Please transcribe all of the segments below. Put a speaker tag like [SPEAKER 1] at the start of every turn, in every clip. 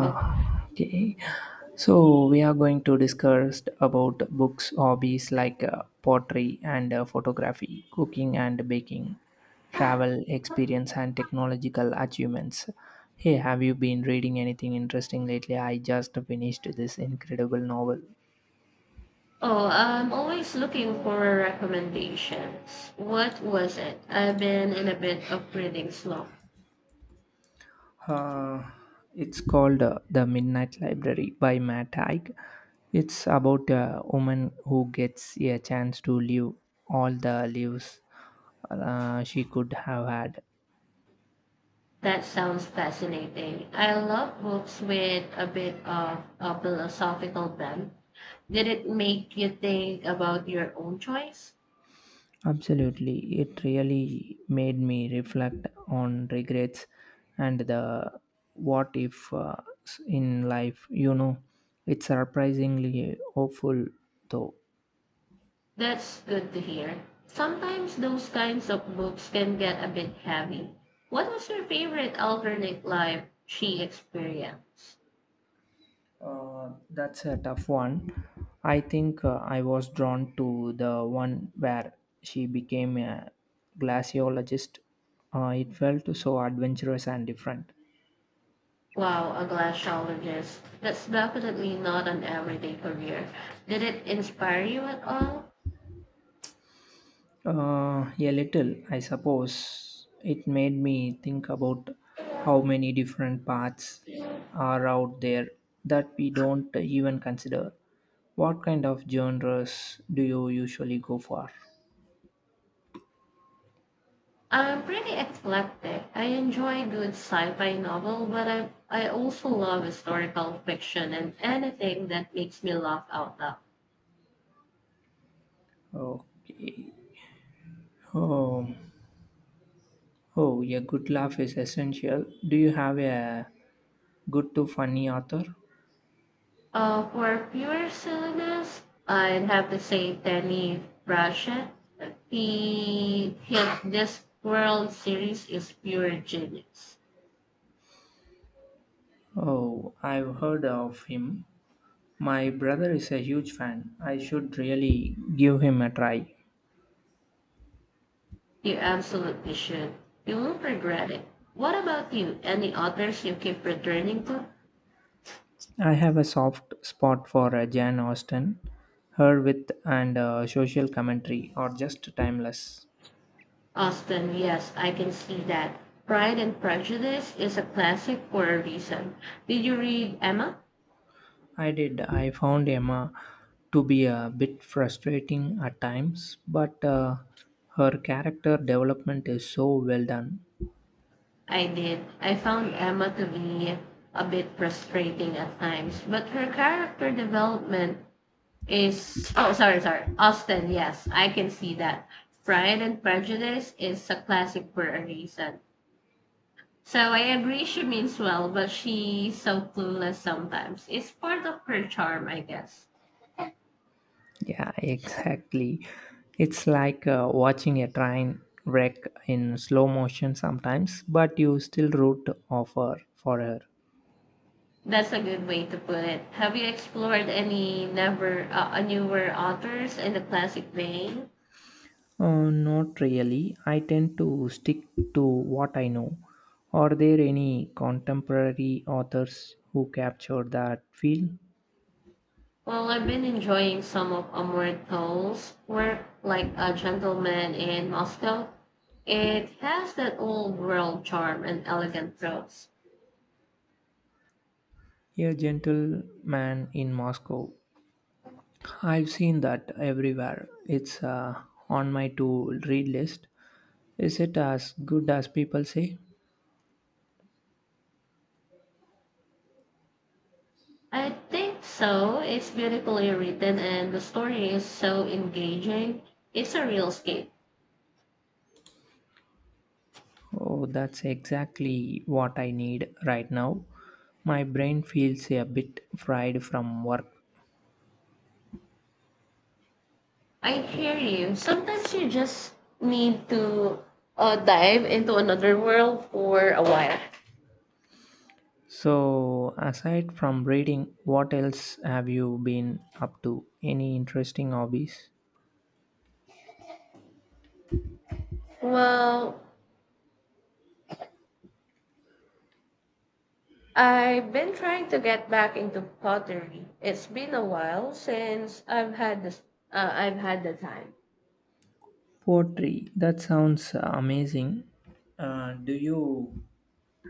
[SPEAKER 1] Oh,
[SPEAKER 2] okay. So we are going to discuss about books, hobbies like pottery and photography, cooking and baking, travel experience and technological achievements. Hey, have you been reading anything interesting lately? I just finished this incredible novel.
[SPEAKER 1] oh, I'm always looking for recommendations. What was it? I've been in a bit of reading slump.
[SPEAKER 2] Uh, it's called The Midnight Library by Matt Haig. It's about a woman who gets a chance to live all the lives she could have had.
[SPEAKER 1] That sounds fascinating. I love books with a bit of a philosophical bent. Did it make you think about your own choice?
[SPEAKER 2] Absolutely. It really made me reflect on regrets and the what if in life. You know, it's surprisingly hopeful though.
[SPEAKER 1] That's good to hear. Sometimes those kinds of books can get a bit heavy. What was your favorite alternate life she experienced?
[SPEAKER 2] That's a tough one. I think I was drawn to the one where she became a glaciologist. It felt so adventurous and different.
[SPEAKER 1] Wow, a glaciologist. That's definitely not an everyday career. Did it inspire you at all?
[SPEAKER 2] A little, I suppose. It made me think about how many different paths are out there that we don't even consider. What kind of genres do you usually go for?
[SPEAKER 1] I'm pretty eclectic. I enjoy a good sci-fi novel, but I also love historical fiction and anything that makes me laugh out loud.
[SPEAKER 2] Okay. Um, Oh, a good laugh is essential. Do you have a good to funny author?
[SPEAKER 1] For pure silliness, I'd have to say Danny Brashett. He his this world series is pure genius.
[SPEAKER 2] Oh, I've heard of him. My brother is a huge fan. I should really give him a try.
[SPEAKER 1] You absolutely should. You won't regret it. What about you? Any authors you keep returning to?
[SPEAKER 2] I have a soft spot for Jan Austen. Her wit and social commentary are just timeless.
[SPEAKER 1] Austen, yes, I can see that. Pride and Prejudice is a classic for a reason. Did you read Emma?
[SPEAKER 2] I did. I found Emma to be a bit frustrating at times, but her character development is so well done.
[SPEAKER 1] I did. I found Emma to be a bit frustrating at times, but her character development is. Oh, sorry, sorry. Austen, yes, I can see that. Pride and Prejudice is a classic for a reason. So I agree she means well, but she's so clueless sometimes. It's part of her charm, I guess.
[SPEAKER 2] Yeah, exactly. It's like watching a train wreck in slow motion sometimes, but you still root of her, for her.
[SPEAKER 1] That's a good way to put it. Have you explored any never newer authors in the classic vein?
[SPEAKER 2] Not really. I tend to stick to what I know. Are there any contemporary authors who capture that feel?
[SPEAKER 1] Well, I've been enjoying some of Amor Towle's work, like A Gentleman in Moscow. It has that old world charm and elegant prose.
[SPEAKER 2] A gentleman in Moscow. I've seen that everywhere. It's on my to read list. Is it as good as people say?
[SPEAKER 1] I think so. It's beautifully written and the story is so engaging. It's a real escape.
[SPEAKER 2] Oh, that's exactly what I need right now. My brain feels a bit fried from work.
[SPEAKER 1] I hear you. Sometimes you just need to dive into another world for a while.
[SPEAKER 2] So, aside from reading, what else have you been up to? Any interesting hobbies?
[SPEAKER 1] Well, I've been trying to get back into pottery. It's been a while since I've had this. I've had the time.
[SPEAKER 2] Poetry, that sounds amazing. Do you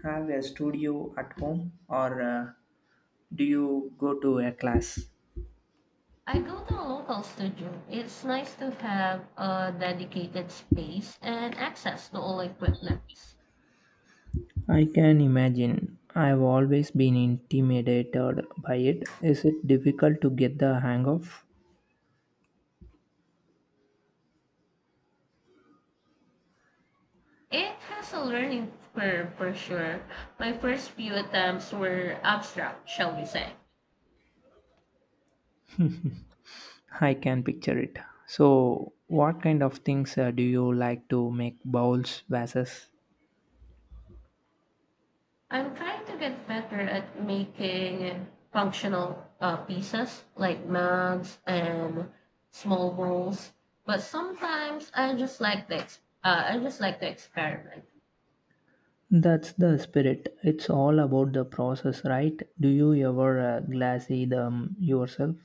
[SPEAKER 2] have a studio at home or do you go to a class?
[SPEAKER 1] I go to a local studio. It's nice to have a dedicated space and access to all equipment.
[SPEAKER 2] I can imagine. I've always been intimidated by it. Is it difficult to get the hang of?
[SPEAKER 1] It has a learning curve for sure. My first few attempts were abstract, shall we say.
[SPEAKER 2] I can picture it. So, what kind of things do you like to make bowls, vases?
[SPEAKER 1] I'm trying to get better at making functional pieces like mugs and small bowls, but sometimes I just like the I just like to experiment.
[SPEAKER 2] That's the spirit. It's all about the process, right? Do you ever glassy them yourself?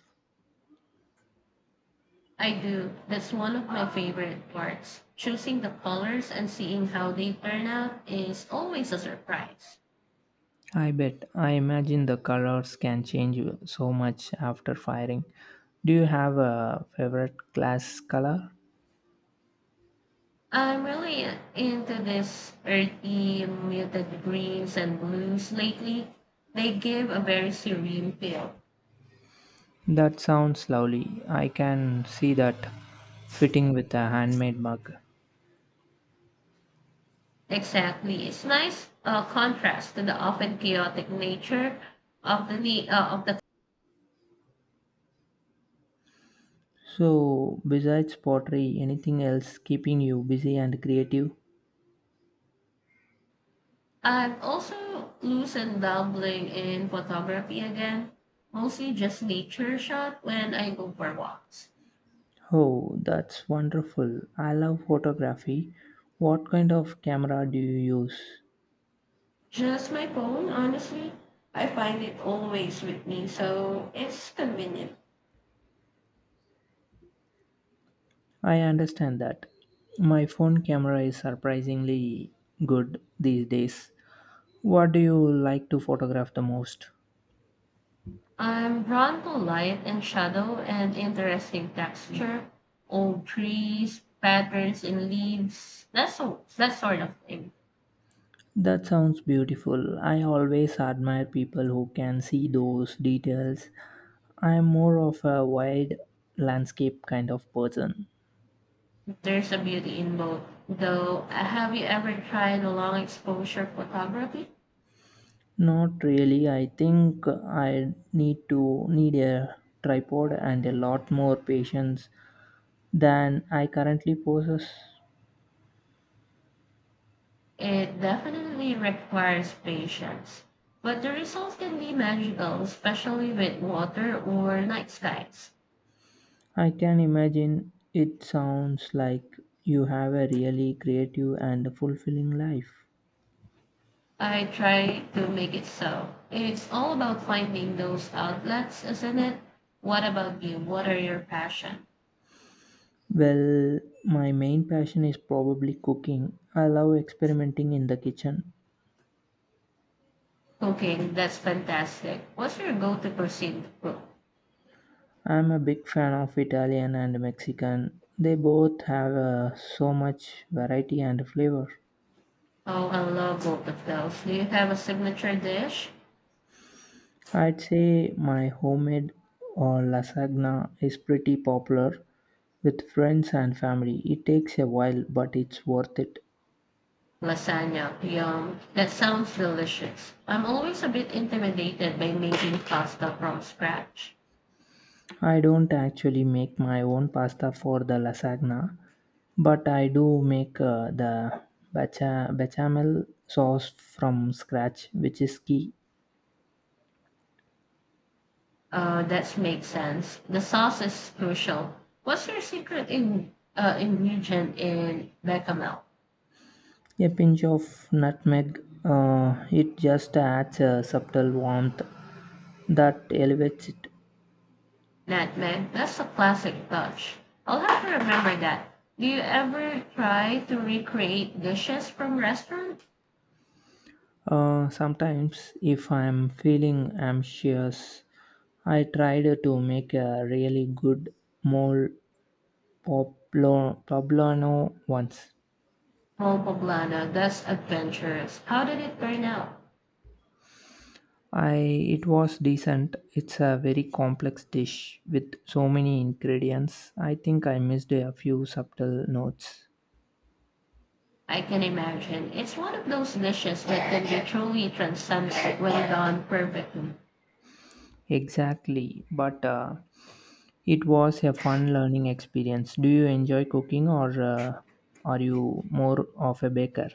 [SPEAKER 1] I do. That's one of my favorite parts. Choosing the colors and seeing how they turn out is always a surprise.
[SPEAKER 2] I bet. I imagine the colors can change so much after firing. Do you have a favorite glass color?
[SPEAKER 1] I'm really into this earthy, muted greens and blues lately. They give a very serene feel.
[SPEAKER 2] That sounds lovely. I can see that fitting with a handmade mug.
[SPEAKER 1] Exactly. It's nice contrast to the often chaotic nature of the of the.
[SPEAKER 2] So, besides pottery, anything else keeping you busy and creative?
[SPEAKER 1] I've also loosened dabbling in photography again, mostly just nature shot when I go for walks.
[SPEAKER 2] Oh, that's wonderful. I love photography. What kind of camera do you use?
[SPEAKER 1] Just my phone, honestly. I find it always with me, so it's convenient.
[SPEAKER 2] I understand that. My phone camera is surprisingly good these days. What do you like to photograph the most?
[SPEAKER 1] I'm drawn to light and shadow and interesting texture, old trees, patterns in leaves, that sort of thing.
[SPEAKER 2] That sounds beautiful. I always admire people who can see those details. I am more of a wide landscape kind of person.
[SPEAKER 1] There's a beauty in both. Though, have you ever tried long exposure photography?
[SPEAKER 2] Not really. I think I need a tripod and a lot more patience than I currently possess.
[SPEAKER 1] It definitely requires patience, but the results can be magical, especially with water or night skies.
[SPEAKER 2] I can imagine it sounds like you have a really creative and fulfilling life.
[SPEAKER 1] I try to make it so. It's all about finding those outlets, isn't it? What about you? What are your passion?
[SPEAKER 2] Well, my main passion is probably cooking. I love experimenting in the kitchen.
[SPEAKER 1] Cooking, that's fantastic. What's your go-to cuisine to cook?
[SPEAKER 2] I'm a big fan of Italian and Mexican. They both have so much variety and flavor.
[SPEAKER 1] Oh, I love both of those. Do you have a signature dish?
[SPEAKER 2] I'd say my homemade or lasagna is pretty popular with friends and family. It takes a while, but it's worth it.
[SPEAKER 1] Lasagna. Yum. That sounds delicious. I'm always a bit intimidated by making pasta from scratch.
[SPEAKER 2] I don't actually make my own pasta for the lasagna, but I do make the bechamel sauce from scratch, which is key.
[SPEAKER 1] That makes sense. The sauce is crucial. What's your secret in ingredient in bechamel?
[SPEAKER 2] A pinch of nutmeg, it just adds a subtle warmth that elevates it.
[SPEAKER 1] Nutmeg. That's a classic touch. I'll have to remember that. Do you ever try to recreate dishes from restaurant?
[SPEAKER 2] Sometimes, if I'm feeling anxious, I tried to make a really good mole poblano once.
[SPEAKER 1] Oh, Poblana, that's adventurous. How did it turn out?
[SPEAKER 2] I It was decent. It's a very complex dish with so many ingredients. I think I missed a few subtle notes.
[SPEAKER 1] I can imagine. It's one of those dishes that can be truly transcendent when done perfectly.
[SPEAKER 2] Exactly, but it was a fun learning experience. Do you enjoy cooking or are you more of a baker?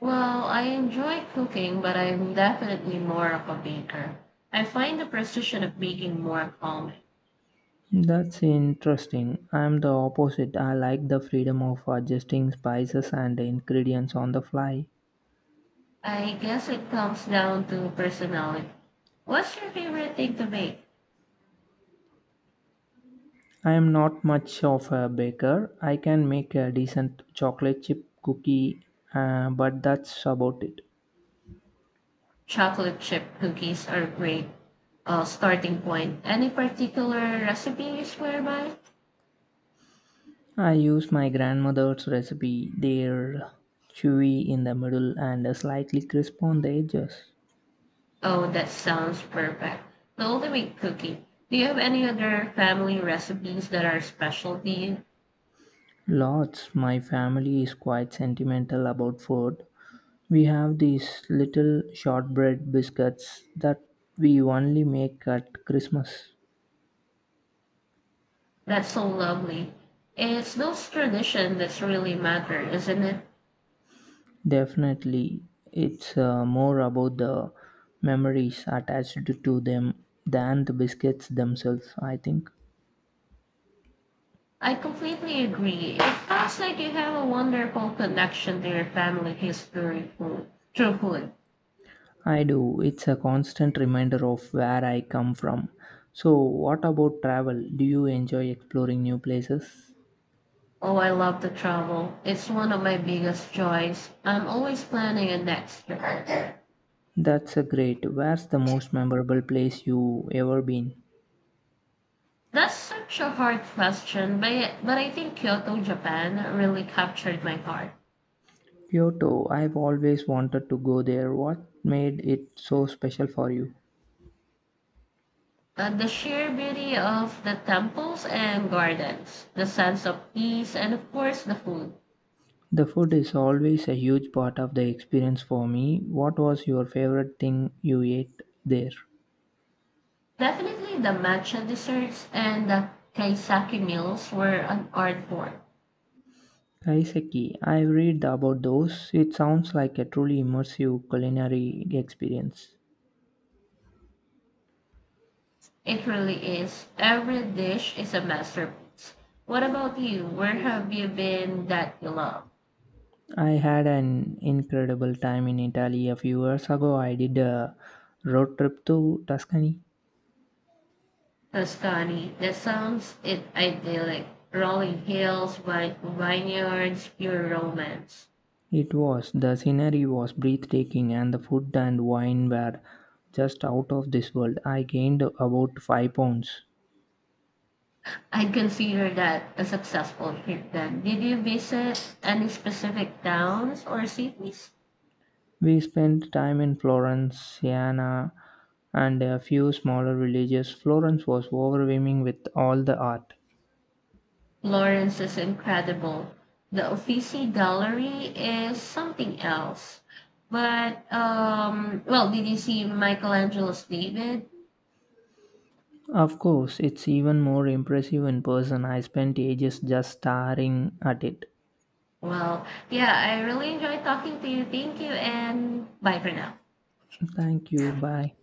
[SPEAKER 1] Well, I enjoy cooking, but I'm definitely more of a baker. I find the precision of baking more calming.
[SPEAKER 2] That's interesting. I'm the opposite. I like the freedom of adjusting spices and ingredients on the fly.
[SPEAKER 1] I guess it comes down to personality. What's your favorite thing to bake?
[SPEAKER 2] I am not much of a baker. I can make a decent chocolate chip cookie, but that's about it.
[SPEAKER 1] Chocolate chip cookies are great starting point. Any particular recipe you swear by?
[SPEAKER 2] I use my grandmother's recipe. They're chewy in the middle and slightly crisp on the edges.
[SPEAKER 1] Oh, that sounds perfect. Totally wheat cookie. Do you have any other family recipes that are specialty?
[SPEAKER 2] Lots. My family is quite sentimental about food. We have these little shortbread biscuits that we only make at Christmas.
[SPEAKER 1] That's so lovely. It's those tradition that's really matter, isn't it?
[SPEAKER 2] Definitely, it's more about the memories attached to them than the biscuits themselves, I think.
[SPEAKER 1] I completely agree. It sounds like you have a wonderful connection to your family history food, through food.
[SPEAKER 2] I do. It's a constant reminder of where I come from. So, what about travel? Do you enjoy exploring new places?
[SPEAKER 1] Oh, I love to travel. It's one of my biggest joys. I'm always planning a next trip.
[SPEAKER 2] That's a great. Where's the most memorable place you ever been?
[SPEAKER 1] That's such a hard question, but I think Kyoto, Japan really captured my heart.
[SPEAKER 2] Kyoto. I've always wanted to go there. What made it so special for you?
[SPEAKER 1] The sheer beauty of the temples and gardens, the sense of peace, and of course the food.
[SPEAKER 2] The food is always a huge part of the experience for me. What was your favorite thing you ate there?
[SPEAKER 1] Definitely the matcha desserts and the kaisaki meals were an art form.
[SPEAKER 2] Kaiseki, I read about those. It sounds like a truly immersive culinary experience.
[SPEAKER 1] It really is. Every dish is a masterpiece. What about you? Where have you been that you love?
[SPEAKER 2] I had an incredible time in Italy a few years ago. I did a road trip to Tuscany.
[SPEAKER 1] Tuscany. That sounds it idyllic. Rolling hills, vineyards, pure romance.
[SPEAKER 2] It was the scenery was breathtaking and the food and wine were just out of this world. I gained about 5 pounds.
[SPEAKER 1] I'd consider that a successful trip then. Did you visit any specific towns or cities?
[SPEAKER 2] We spent time in Florence, Siena, and a few smaller villages. Florence was overwhelming with all the art.
[SPEAKER 1] Florence is incredible. The Uffizi Gallery is something else. But well, did you see Michelangelo's David?
[SPEAKER 2] Of course, it's even more impressive in person. I spent ages just staring at it.
[SPEAKER 1] Well, yeah, I really enjoyed talking to you. Thank you and bye for now.
[SPEAKER 2] Thank you. Bye.